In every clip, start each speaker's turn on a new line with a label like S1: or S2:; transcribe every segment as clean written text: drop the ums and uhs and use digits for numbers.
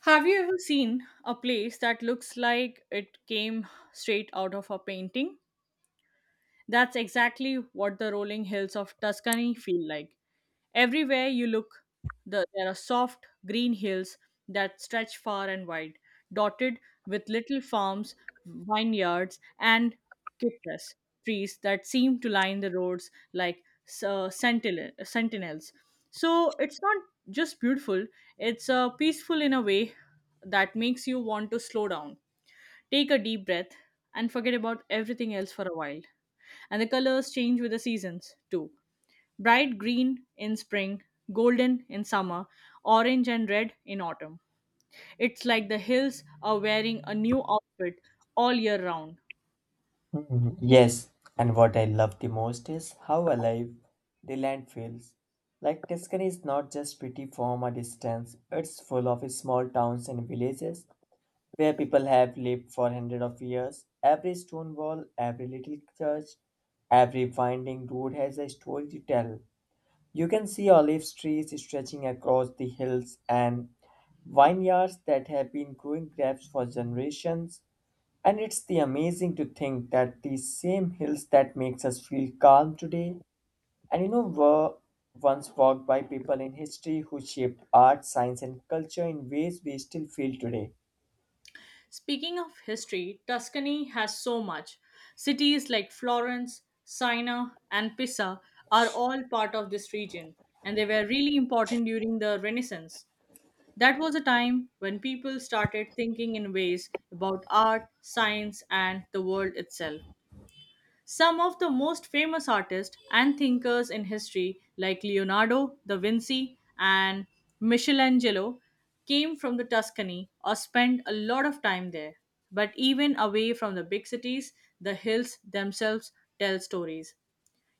S1: Have you ever seen a place that looks like it came straight out of a painting? That's exactly what the rolling hills of Tuscany feel like. Everywhere you look, there are soft green hills that stretch far and wide, dotted with little farms, vineyards, and citrus trees that seem to line the roads like sentinels. So it's not just beautiful, it's peaceful in a way that makes you want to slow down, take a deep breath, and forget about everything else for a while. And the colors change with the seasons too. Bright green in spring, golden in summer, orange and red in autumn. It's like the hills are wearing a new outfit all year round.
S2: Mhm. Yes, and what I love the most is how alive the land feels. Like Tuscany is not just pretty from a distance, it's full of small towns and villages where people have lived for hundreds of years. Every stone wall, every little church, every winding road has a story to tell. You can see olive trees stretching across the hills and vineyards that have been growing grapes for generations. And it's the amazing to think that these same hills that makes us feel calm today, were once walked by people in history who shaped art, science, and culture in ways we still feel today.
S1: Speaking of history, Tuscany has so much. Cities like Florence, Siena, and Pisa are all part of this region, and they were really important during the Renaissance. That was a time when people started thinking in ways about art, science, and the world itself. Some of the most famous artists and thinkers in history, like Leonardo da Vinci and Michelangelo, came from the Tuscany or spent a lot of time there. But even away from the big cities, the hills themselves tell stories.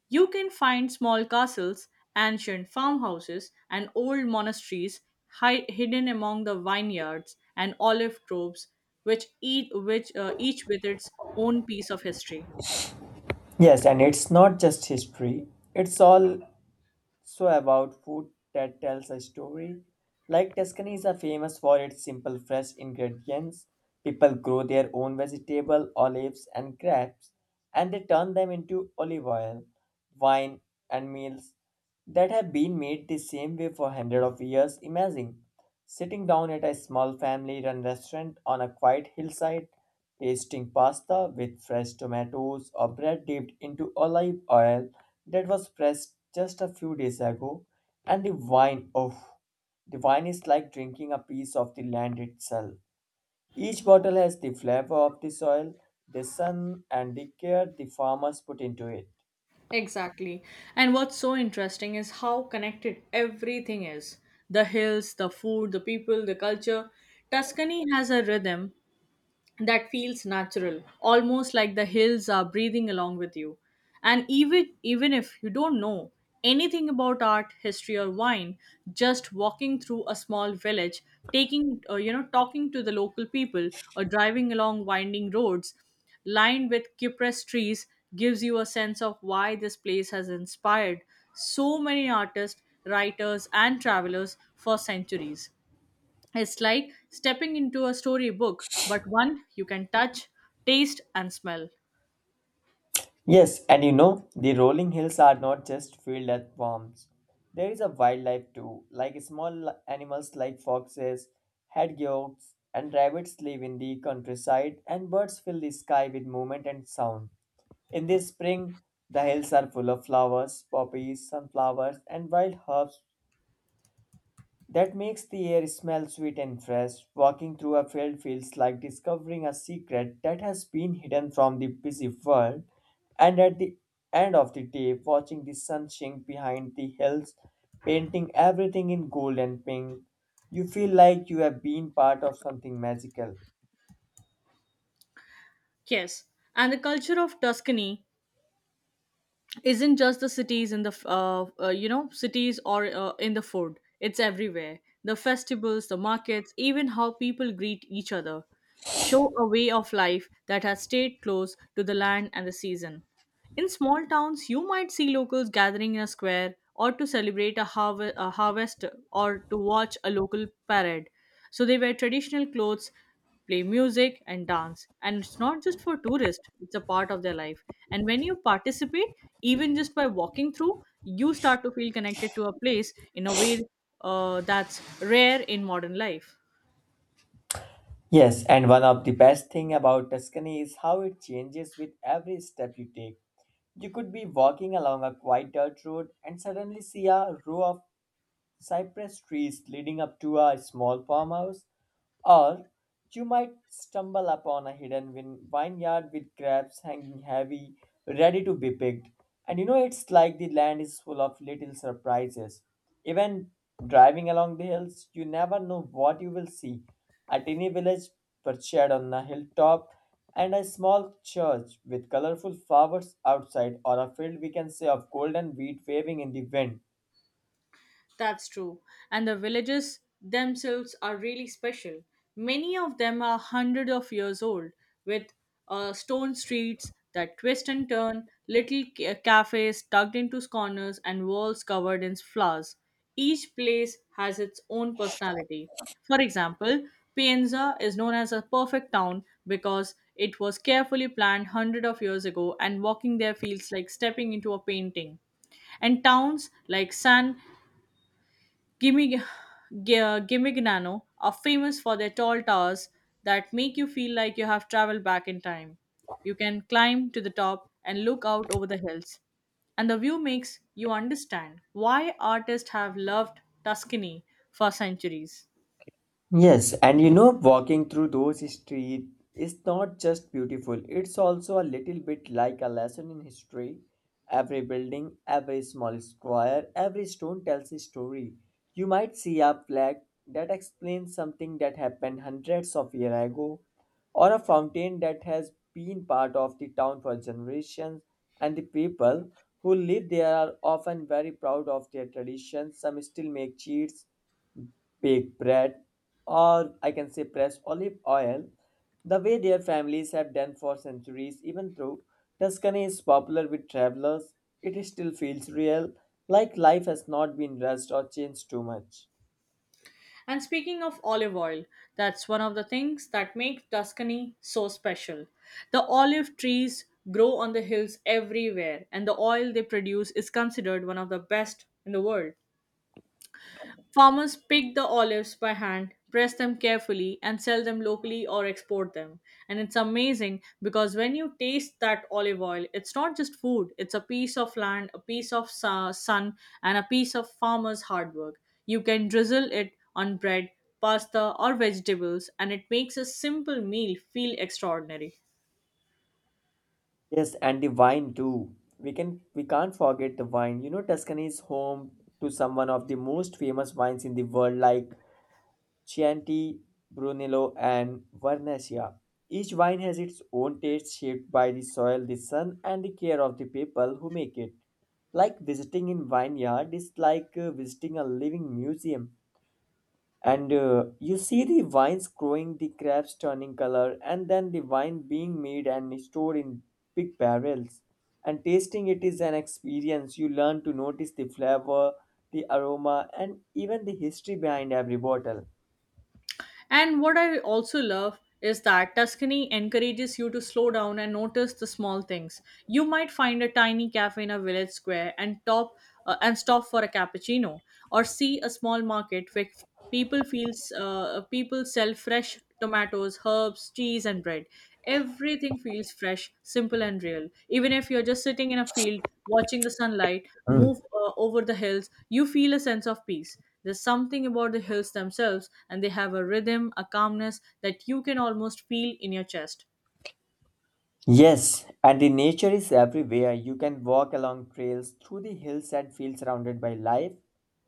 S1: You can find small castles, ancient farmhouses, and old monasteries hidden among the vineyards and olive groves, each with its own piece of history.
S2: Yes, and it's not just history; it's all So about food that tells a story. Like Tuscany is a famous for its simple fresh ingredients. People grow their own vegetable, olives and grapes and they turn them into olive oil, wine and meals that have been made the same way for hundreds of years. Imagine sitting down at a small family run restaurant on a quiet hillside, tasting pasta with fresh tomatoes or bread dipped into olive oil that was pressed just a few days ago, and the wine, oh, the wine is like drinking a piece of the land itself. Each bottle has the flavor of the soil, the sun, and the care the farmers put into it.
S1: Exactly. And what's so interesting is how connected everything is: the hills, the food, the people, the culture. Tuscany has a rhythm that feels natural, almost like the hills are breathing along with you. And even if you don't know anything about art, history, or wine, just walking through a small village, taking talking to the local people, or driving along winding roads lined with cypress trees gives you a sense of why this place has inspired so many artists, writers, and travelers for centuries. It's like stepping into a storybook, but one you can touch, taste, and smell.
S2: Yes, and you know, the rolling hills are not just filled with worms. There is a wildlife too, like small animals like foxes, hedgehogs, and rabbits live in the countryside, and birds fill the sky with movement and sound. In the spring, the hills are full of flowers, poppies, sunflowers, and wild herbs that makes the air smell sweet and fresh. Walking through a field feels like discovering a secret that has been hidden from the busy world. And at the end of the day, watching the sun sink behind the hills, painting everything in gold and pink, you feel like you have been part of something magical.
S1: Yes, and the culture of Tuscany isn't just the cities or in the food. It's everywhere. The festivals, the markets, even how people greet each other, show a way of life that has stayed close to the land and the season. In small towns, you might see locals gathering in a square or to celebrate a harvest or to watch a local parade. So they wear traditional clothes, play music, and dance. And it's not just for tourists, it's a part of their life. And when you participate, even just by walking through, you start to feel connected to a place in a way that's rare in modern life.
S2: Yes, and one of the best thing about Tuscany is how it changes with every step you take. You could be walking along a quiet dirt road and suddenly see a row of cypress trees leading up to a small farmhouse, or you might stumble upon a hidden vineyard with grapes hanging heavy, ready to be picked. And you know, it's like the land is full of little surprises. Even driving along the hills, you never know what you will see. A tiny village perched on a hilltop, and a small church with colorful flowers outside, or a field we can say of golden wheat waving in the wind.
S1: That's true. And the villages themselves are really special. Many of them are hundreds of years old, with stone streets that twist and turn, little cafes tucked into corners, and walls covered in flowers. Each place has its own personality. For example, Pienza is known as a perfect town because it was carefully planned hundreds of years ago, and walking there feels like stepping into a painting. And towns like San Gimig- Gimignano are famous for their tall towers that make you feel like you have traveled back in time. You can climb to the top and look out over the hills, and the view makes you understand why artists have loved Tuscany for centuries.
S2: Yes, and you know, walking through those streets is not just beautiful, it's also a little bit like a lesson in history. Every building, every small square, every stone tells a story. You might see a flag that explains something that happened hundreds of years ago, or a fountain that has been part of the town for generations, and the people who live there are often very proud of their traditions. Some still make cheats baked bread, or I can say pressed olive oil, the way their families have done for centuries, even though Tuscany is popular with travelers, it still feels real, like life has not been rushed or changed too much.
S1: And speaking of olive oil, that's one of the things that make Tuscany so special. The olive trees grow on the hills everywhere, and the oil they produce is considered one of the best in the world. Farmers pick the olives by hand, press them carefully, and sell them locally or export them. And it's amazing because when you taste that olive oil, it's not just food, it's a piece of land, a piece of sun, and a piece of farmer's hard work. You can drizzle it on bread, pasta, or vegetables, and it makes a simple meal feel extraordinary.
S2: Yes, and the wine too. We can't forget the wine. You know, Tuscany is home to some one of the most famous wines in the world, like Chianti, Brunello, and Vernaccia. Each wine has its own taste shaped by the soil, the sun, and the care of the people who make it. Like visiting in vineyard is like visiting a living museum. And you see the vines growing, the grapes turning color, and then the wine being made and stored in big barrels. And tasting it is an experience. You learn to notice the flavor, the aroma, and even the history behind every bottle.
S1: And what I also love is that Tuscany encourages you to slow down and notice the small things. You might find a tiny cafe in a village square and top and stop for a cappuccino, or see a small market where people sell fresh tomatoes, herbs, cheese, and bread. Everything feels fresh, simple, and real. Even if you're just sitting in a field watching the sunlight
S2: Hmm.
S1: move over the hills, you feel a sense of peace. There's something about the hills themselves, and they have a rhythm, a calmness that you can almost feel in your chest.
S2: Yes, and the nature is everywhere. You can walk along trails through the hills and feel surrounded by life.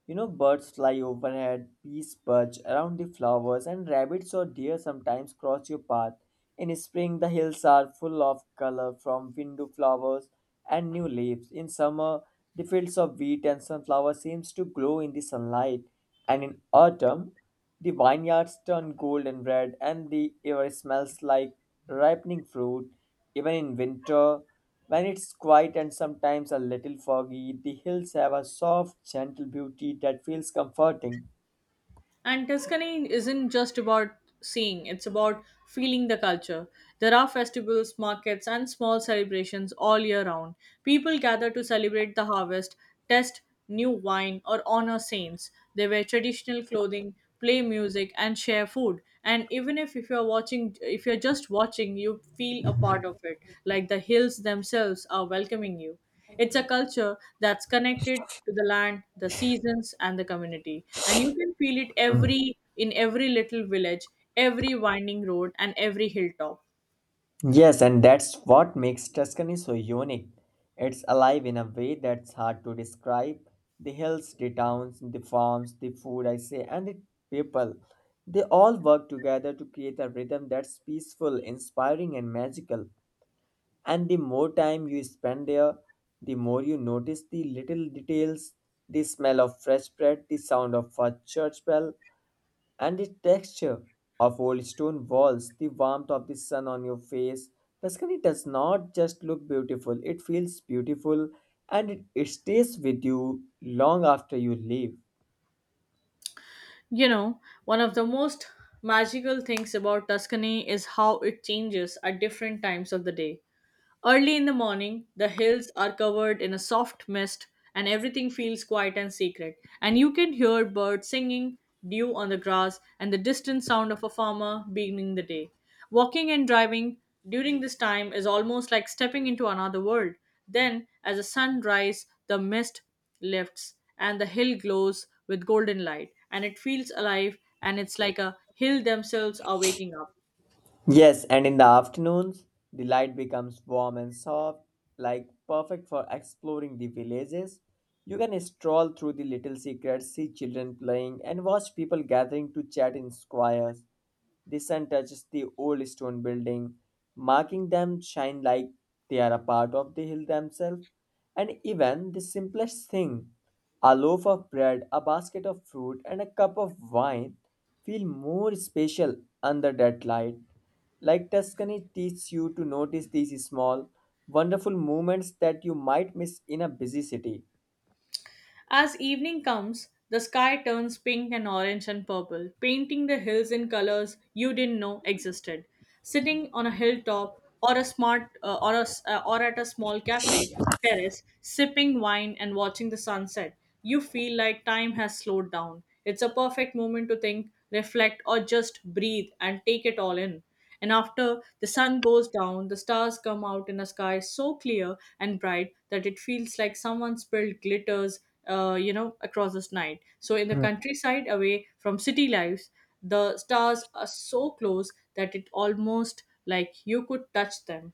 S2: You know, birds fly overhead, bees perch around the flowers, and rabbits or deer sometimes cross your path. In spring, the hills are full of color from window flowers and new leaves. In summer, the fields of wheat and sunflower seems to glow in the sunlight, and in autumn, the vineyards turn gold and red, and the air smells like ripening fruit. Even in winter, when it's quiet and sometimes a little foggy, the hills have a soft, gentle beauty that feels comforting.
S1: And Tuscany isn't just about seeing, it's about feeling the culture. There are festivals, markets, and small celebrations all year round. People gather to celebrate the harvest, test new wine, or honor saints. They wear traditional clothing, play music, and share food. And even if you're watching, if you're just watching, you feel a part of it, like the hills themselves are welcoming you. It's a culture that's connected to the land, the seasons, and the community. And you can feel it
S2: Mm.
S1: every in every little village, every winding road, and every hilltop.
S2: Yes, and that's what makes Tuscany so unique. It's alive in a way that's hard to describe. The hills, the towns, the farms, the food, I say, and the people. They all work together to create a rhythm that's peaceful, inspiring, and magical. And the more time you spend there, the more you notice the little details the smell of fresh bread, the sound of a church bell, and the texture of old stone walls, the warmth of the sun on your face. Tuscany does not just look beautiful, it feels beautiful and it stays with you long after you leave.
S1: You know, one of the most magical things about Tuscany is how it changes at different times of the day. Early in the morning, the hills are covered in a soft mist and everything feels quiet and secret. And you can hear birds singing, dew on the grass, and the distant sound of a farmer beginning the day. Walking and driving during this time is almost like stepping into another world. Then, as the sun rises, the mist lifts and the hill glows with golden light, and it feels alive, and it's like a hill themselves are waking up.
S2: Yes, and in the afternoons, the light becomes warm and soft, like perfect for exploring the villages. You can stroll through the little secrets, see children playing, and watch people gathering to chat in squares. The sun touches the old stone building, marking them shine like they are a part of the hill themselves. And even the simplest thing, a loaf of bread, a basket of fruit, and a cup of wine, feel more special under that light. Like Tuscany teaches you to notice these small, wonderful moments that you might miss in a busy city.
S1: As evening comes, the sky turns pink and orange and purple, painting the hills in colors you didn't know existed. Sitting on a hilltop or a smart or a, s- or at a small cafe terrace, sipping wine and watching the sunset, you feel like time has slowed down. It's a perfect moment to think, reflect, or just breathe and take it all in. And after the sun goes down, the stars come out in a sky so clear and bright that it feels like someone spilled glitters, across this night. So in the countryside, away from city lives, the stars are so close that it almost like you could touch them.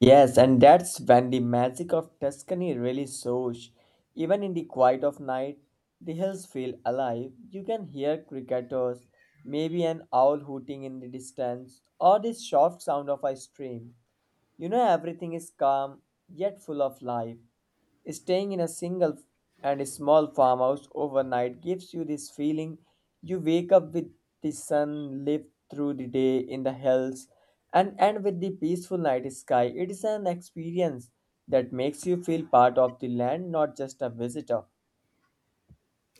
S2: Yes, and that's when the magic of Tuscany really shows. Even in the quiet of night, the hills feel alive. You can hear cricketers, maybe an owl hooting in the distance, or the soft sound of a stream. You know, everything is calm yet full of life. Staying in a single and small farmhouse overnight gives you this feeling you wake up with the sun, live through the day in the hills, and end with the peaceful night sky. It is an experience that makes you feel part of the land, not just a visitor.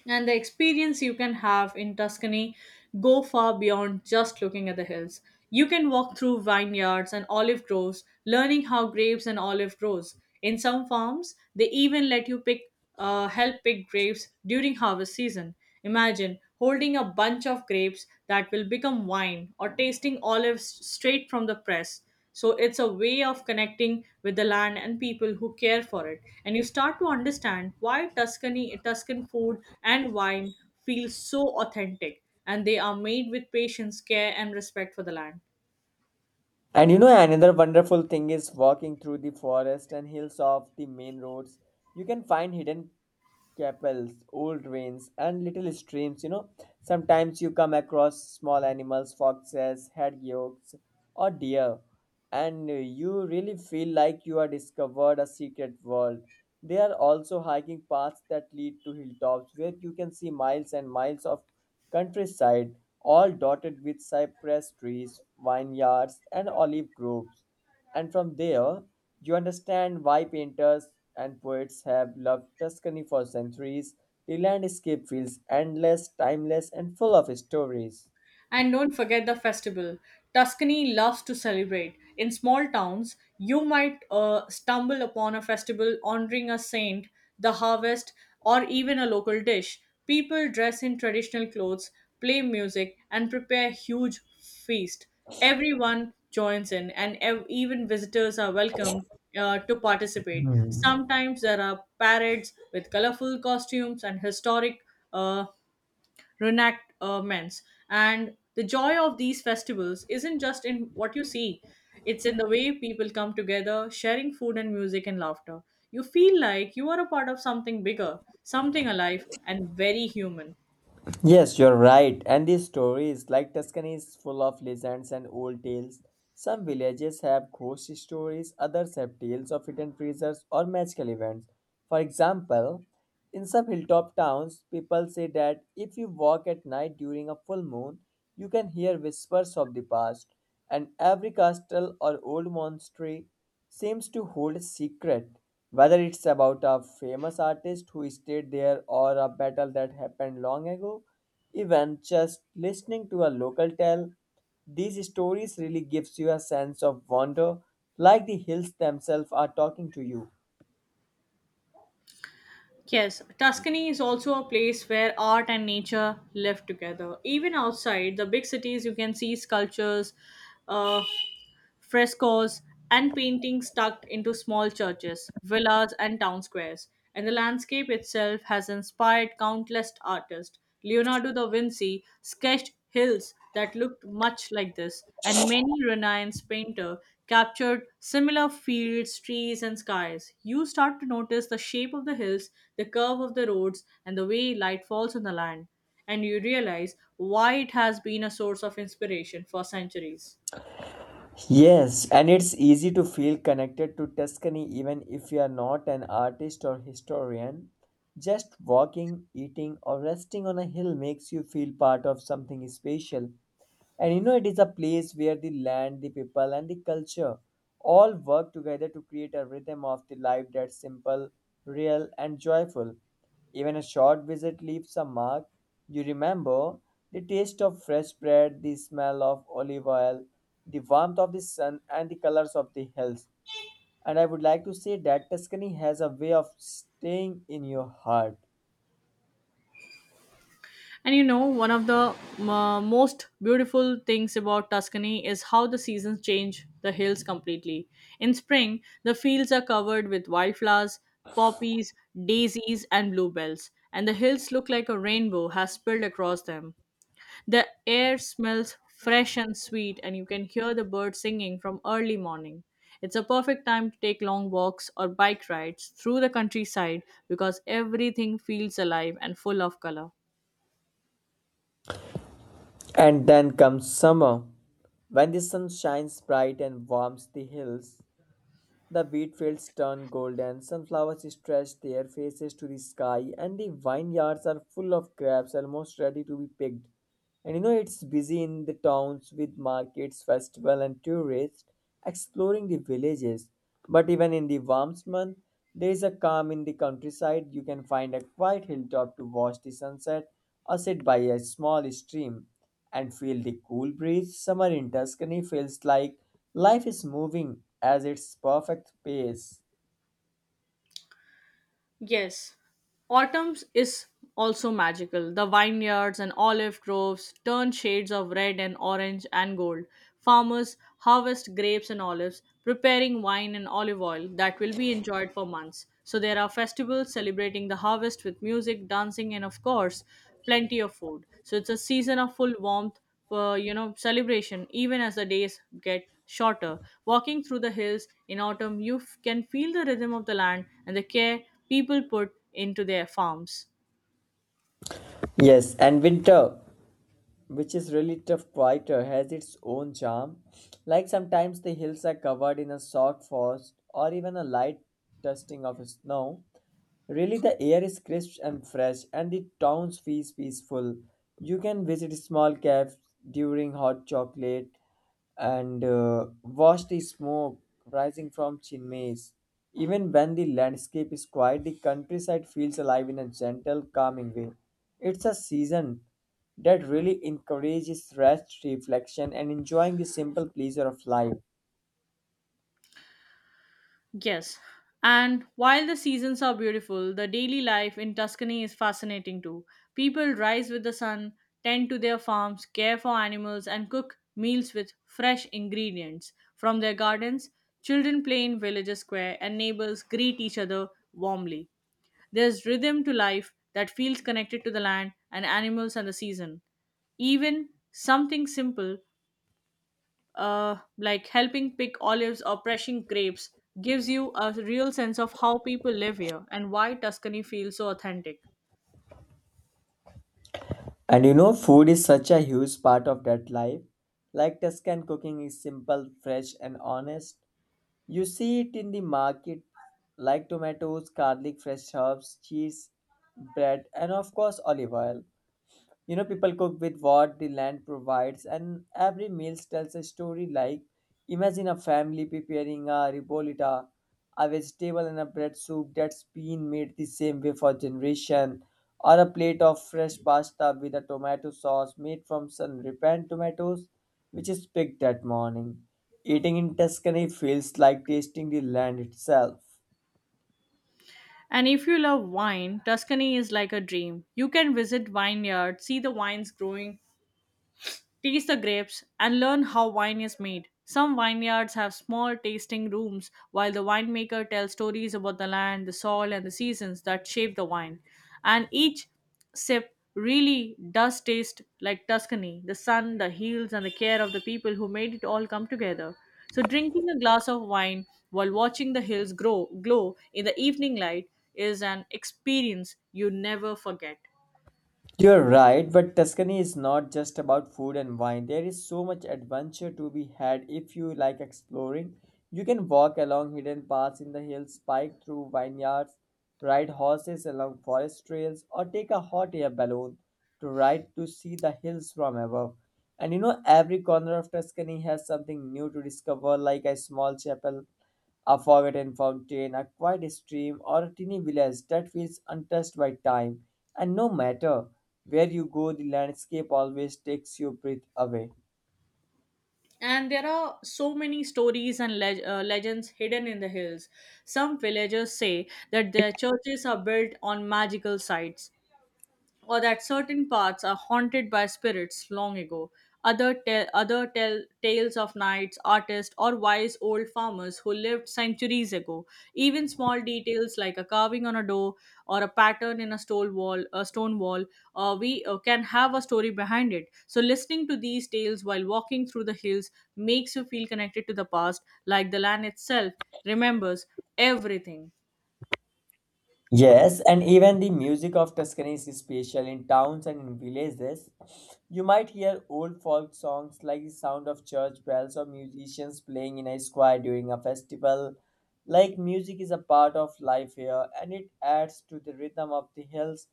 S1: And the experience you can have in Tuscany go far beyond just looking at the hills. You can walk through vineyards and olive groves, learning how grapes and olive grows. In some farms, they even let you help pick grapes during harvest season. Imagine holding a bunch of grapes that will become wine or tasting olives straight from the press. So it's a way of connecting with the land and people who care for it. And you start to understand why Tuscan food and wine feel so authentic and they are made with patience, care and respect for the land.
S2: And you know, another wonderful thing is walking through the forest and hills off the main roads. You can find hidden Capels, old rains, and little streams. You know, sometimes you come across small animals, foxes, hedgehogs, or deer, and you really feel like you have discovered a secret world. There are also hiking paths that lead to hilltops where you can see miles and miles of countryside, all dotted with cypress trees, vineyards, and olive groves. And from there, you understand why painters and poets have loved Tuscany for centuries. The landscape feels endless, timeless, and full of stories.
S1: And don't forget the festival. Tuscany loves to celebrate. In small towns, you might stumble upon a festival honoring a saint, the harvest, or even a local dish. People dress in traditional clothes, play music, and prepare a huge feast. Everyone joins in, and even visitors are welcomed to participate. Sometimes there are parades with colorful costumes and historic uh, Renactments. And the joy of these festivals isn't just in what you see; it's in the way people come together, sharing food and music and laughter. You feel like you are a part of something bigger, something alive and very human.
S2: Yes, you're right. And these stories, like Tuscany, is full of legends and old tales. Some villages have ghost stories, others have tales of hidden treasures or magical events. For example, in some hilltop towns, people say that if you walk at night during a full moon, you can hear whispers of the past, and every castle or old monastery seems to hold a secret. Whether it's about a famous artist who stayed there or a battle that happened long ago, even just listening to a local tale, these stories really gives you a sense of wonder, like the hills themselves are talking to you.
S1: Yes, Tuscany is also a place where art and nature live together. Even outside the big cities, you can see sculptures, uh, frescoes, and paintings tucked into small churches, villas, and town squares. And the landscape itself has inspired countless artists. Leonardo da Vinci sketched hills that looked much like this, and many Renaissance painters captured similar fields, trees, and skies. You start to notice the shape of the hills, the curve of the roads, and the way light falls on the land, and you realize why it has been a source of inspiration for centuries.
S2: Yes, and it's easy to feel connected to Tuscany even if you are not an artist or historian. Just walking, eating, or resting on a hill makes you feel part of something special. And you know, it is a place where the land, the people, and the culture all work together to create a rhythm of the life that's simple, real, and joyful. Even a short visit leaves a mark. You remember the taste of fresh bread, the smell of olive oil, the warmth of the sun, and the colors of the hills. And I would like to say that Tuscany has a way of staying in your heart.
S1: And you know, one of the most beautiful things about Tuscany is how the seasons change the hills completely. In spring, the fields are covered with wildflowers, poppies, daisies, and bluebells, and the hills look like a rainbow has spilled across them. The air smells fresh and sweet, and you can hear the birds singing from early morning. It's a perfect time to take long walks or bike rides through the countryside because everything feels alive and full of color.
S2: And then comes summer, when the sun shines bright and warms the hills. The wheat fields turn golden, sunflowers stretch their faces to the sky, and the vineyards are full of grapes almost ready to be picked. And you know, it's busy in the towns with markets, festival, and tourists exploring the villages. But even in the warmest month, there is a calm in the countryside. You can find a quiet hilltop to watch the sunset or sit by a small stream and feel the cool breeze. Summer in Tuscany feels like life is moving at its perfect pace.
S1: Yes, autumn is also magical. The vineyards and olive groves turn shades of red and orange and gold. Farmers harvest grapes and olives, preparing wine and olive oil that will be enjoyed for months. So there are festivals celebrating the harvest with music, dancing, and of course, plenty of food. So it's a season of full warmth, celebration, even as the days get shorter. Walking through the hills in autumn, can feel the rhythm of the land and the care people put into their farms.
S2: Yes, and winter. Which is really tough quieter has its own charm, like sometimes the hills are covered in a soft frost or even a light dusting of snow. Really, the air is crisp and fresh, and the town feels peaceful. You can visit small cafes during hot chocolate and watch the smoke rising from chimneys. Even when the landscape is quiet, the countryside feels alive in a gentle, calming way. It's a season that really encourages rest, reflection, and enjoying the simple pleasure of life.
S1: Yes. And while the seasons are beautiful, the daily life in Tuscany is fascinating too. People rise with the sun, tend to their farms, care for animals, and cook meals with fresh ingredients from their gardens. Children play in village square, and neighbors greet each other warmly. There's rhythm to life that feels connected to the land and animals and the season. Even something simple, like helping pick olives or pressing grapes, gives you a real sense of how people live here and why Tuscany feels so authentic.
S2: And you know, food is such a huge part of that life. Like, Tuscan cooking is simple, fresh, and honest. You see it in the market, like tomatoes, garlic, fresh herbs, cheese, bread, and of course, olive oil. You know, people cook with what the land provides, and every meal tells a story. Like, imagine a family preparing a ribolita, a vegetable and a bread soup that's been made the same way for generation, or a plate of fresh pasta with a tomato sauce made from sun-ripened tomatoes, which is picked that morning. Eating in Tuscany feels like tasting the land itself.
S1: And if you love wine, Tuscany is like a dream. You can visit vineyards, see the wines growing, taste the grapes, and learn how wine is made. Some vineyards have small tasting rooms while the winemaker tells stories about the land, the soil, and the seasons that shape the wine. And each sip really does taste like Tuscany, the sun, the hills, and the care of the people who made it all come together. So, drinking a glass of wine while watching the hills glow in the evening light is an experience you never forget.
S2: You're right, but Tuscany is not just about food and wine. There is so much adventure to be had if you like exploring. You can walk along hidden paths in the hills, pike through vineyards, ride horses along forest trails, or take a hot air balloon to ride to see the hills from above. And you know, every corner of Tuscany has something new to discover, like a small chapel, a forgotten fountain, a quiet stream, or a teeny village that feels untouched by time. And no matter where you go, the landscape always takes your breath away.
S1: And there are so many stories and legends hidden in the hills. Some villagers say that their churches are built on magical sites, or that certain parts are haunted by spirits long ago. Other tell tales of knights, artists, or wise old farmers who lived centuries ago. Even small details like a carving on a door or a pattern in a stone wall, we can have a story behind it. So listening to these tales while walking through the hills makes you feel connected to the past, like the land itself remembers everything.
S2: Yes, and even the music of Tuscany is special in towns and in villages. You might hear old folk songs like the sound of church bells or musicians playing in a square during a festival. Like, music is a part of life here and it adds to the rhythm of the hills.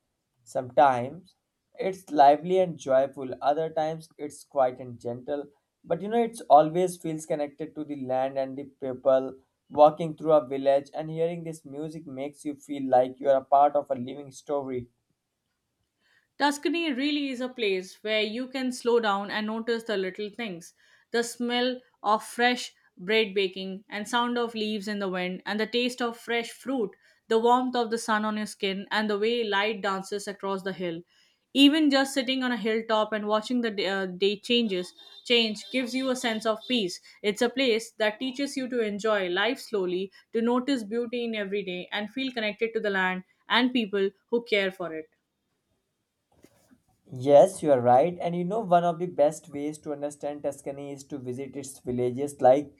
S2: Sometimes it's lively and joyful, other times it's quiet and gentle. But you know, it always feels connected to the land and the people. Walking through a village and hearing this music makes you feel like you are a part of a living story.
S1: Tuscany really is a place where you can slow down and notice the little things: the smell of fresh bread baking, and sound of leaves in the wind, and the taste of fresh fruit, the warmth of the sun on your skin, and the way light dances across the hill. Even just sitting on a hilltop and watching the day change gives you a sense of peace. It's a place that teaches you to enjoy life slowly, to notice beauty in every day and feel connected to the land and people who care for it.
S2: Yes, you are right. And you know, one of the best ways to understand Tuscany is to visit its villages. Like,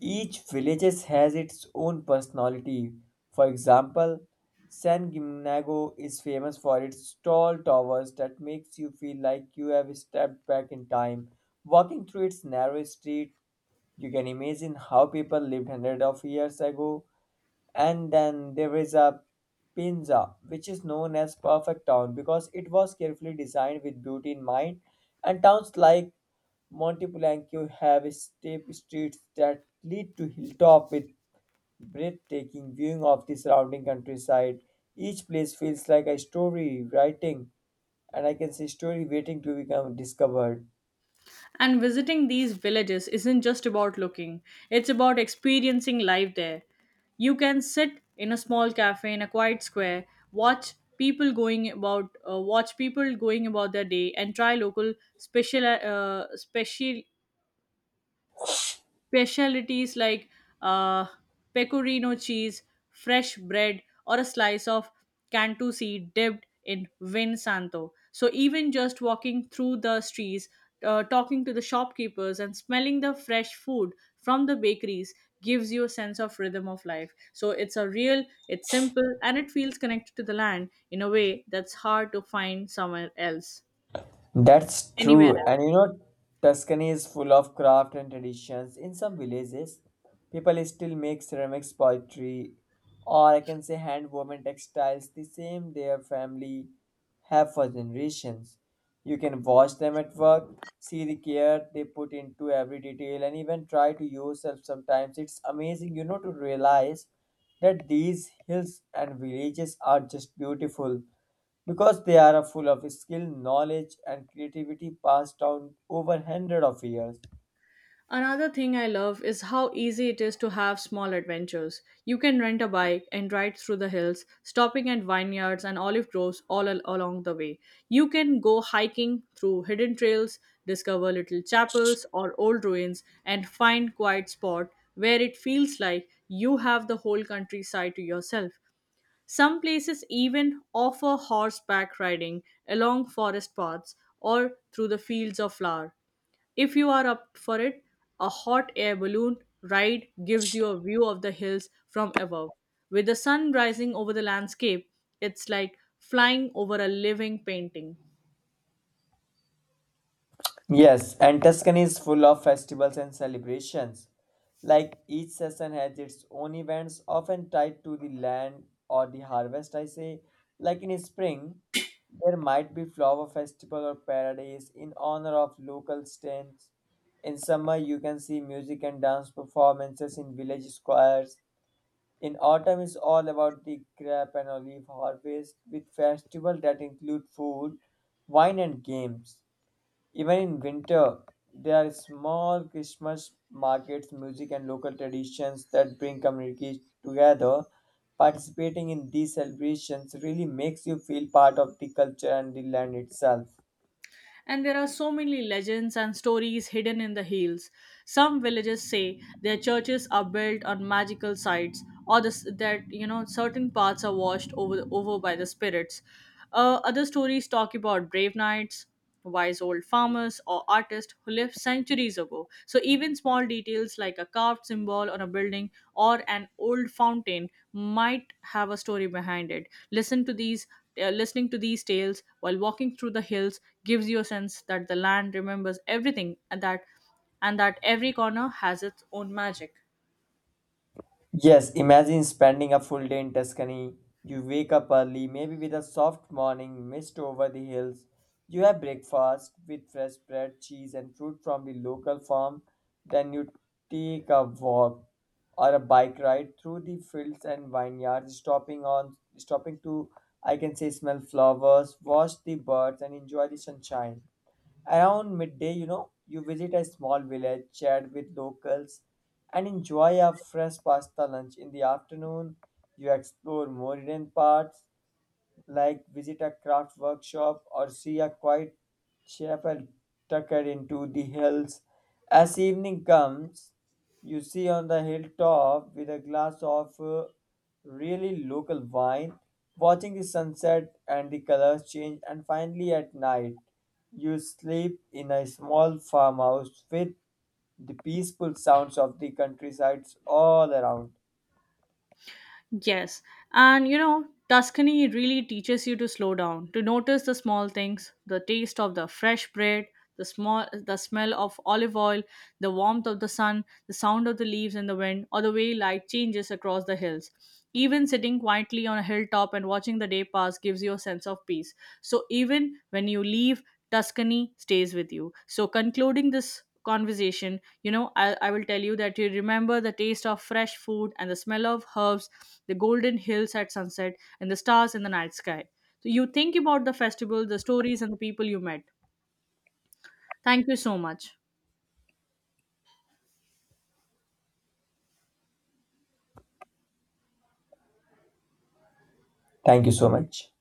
S2: each villages has its own personality. For example, San Gimignano is famous for its tall towers that makes you feel like you have stepped back in time. Walking through its narrow street, you can imagine how people lived hundreds of years ago, and then there is a Pinza, which is known as Perfect Town because it was carefully designed with beauty in mind. And towns like Montepulciano have steep streets that lead to hilltop with breathtaking viewing of the surrounding countryside. Each place feels like a story writing, and I can say story waiting to become discovered.
S1: And visiting these villages isn't just about looking, it's about experiencing life there. You can sit in a small cafe in a quiet square, watch people going about their day and try local special special specialties like uh, pecorino cheese, fresh bread, or a slice of Cantu seed dipped in vin santo. So even just walking through the streets, talking to the shopkeepers, and smelling the fresh food from the bakeries gives you a sense of rhythm of life. So it's a real, it's simple, and it feels connected to the land in a way that's hard to find
S2: That's
S1: anywhere
S2: true.
S1: else.
S2: And you know, Tuscany is full of craft and traditions. In some villages, people still make ceramics, pottery, or I can say hand woven textiles, the same their family have for generations. You can watch them at work, see the care they put into every detail, and even try to yourself sometimes. It's amazing, you know, to realize that these hills and villages are just beautiful because they are full of skill, knowledge, and creativity passed down over hundred of years.
S1: Another thing I love is how easy it is to have small adventures. You can rent a bike and ride through the hills, stopping at vineyards and olive groves along the way. You can go hiking through hidden trails, discover little chapels or old ruins, and find quiet spot where it feels like you have the whole countryside to yourself. Some places even offer horseback riding along forest paths or through the fields of flower. If you are up for it, a hot air balloon ride gives you a view of the hills from above. With the sun rising over the landscape, it's like flying over a living painting.
S2: Yes, and Tuscany is full of festivals and celebrations. Like, each season has its own events, often tied to the land or the harvest. I say, like in spring, there might be flower festival or parades in honor of local saints. In summer, you can see music and dance performances in village squares. In autumn is all about the grape and olive harvest with festivals that include food, wine and games. Even in winter, there are small Christmas markets, music and local traditions that bring communities together. Participating in these celebrations really makes you feel part of the culture and the land itself.
S1: And there are so many legends and stories hidden in the hills. Some villages say their churches are built on magical sites, or that you know certain parts are washed over by the spirits. Other stories talk about brave knights, wise old farmers, or artists who lived centuries ago. So even small details like a carved symbol on a building or an old fountain might have a story behind it. Listen to these Listening to these tales while walking through the hills gives you a sense that the land remembers everything, and that every corner has its own magic.
S2: Yes, imagine spending a full day in Tuscany. You wake up early, maybe with a soft morning mist over the hills. You have breakfast with fresh bread, cheese, and fruit from the local farm. Then you take a walk or a bike ride through the fields and vineyards, stopping to I can say smell flowers, watch the birds, and enjoy the sunshine. Around midday, you know, you visit a small village, chat with locals, and enjoy a fresh pasta lunch. In the afternoon, you explore more hidden parts, like visit a craft workshop or see a quiet chapel tucked into the hills. As evening comes, you see on the hilltop with a glass of really local wine, watching the sunset and the colors change, and finally at night, you sleep in a small farmhouse with the peaceful sounds of the countryside all around.
S1: Yes. And you know, Tuscany really teaches you to slow down, to notice the small things, the taste of the fresh bread, the smell of olive oil, the warmth of the sun, the sound of the leaves in the wind, or the way light changes across the hills. Even sitting quietly on a hilltop and watching the day pass gives you a sense of peace. So, even when you leave, Tuscany stays with you. So, concluding this conversation, you know, I will tell you that you remember the taste of fresh food and the smell of herbs, the golden hills at sunset, and the stars in the night sky. So, you think about the festival, the stories, and the people you met. Thank you so much.
S2: Thank you so much.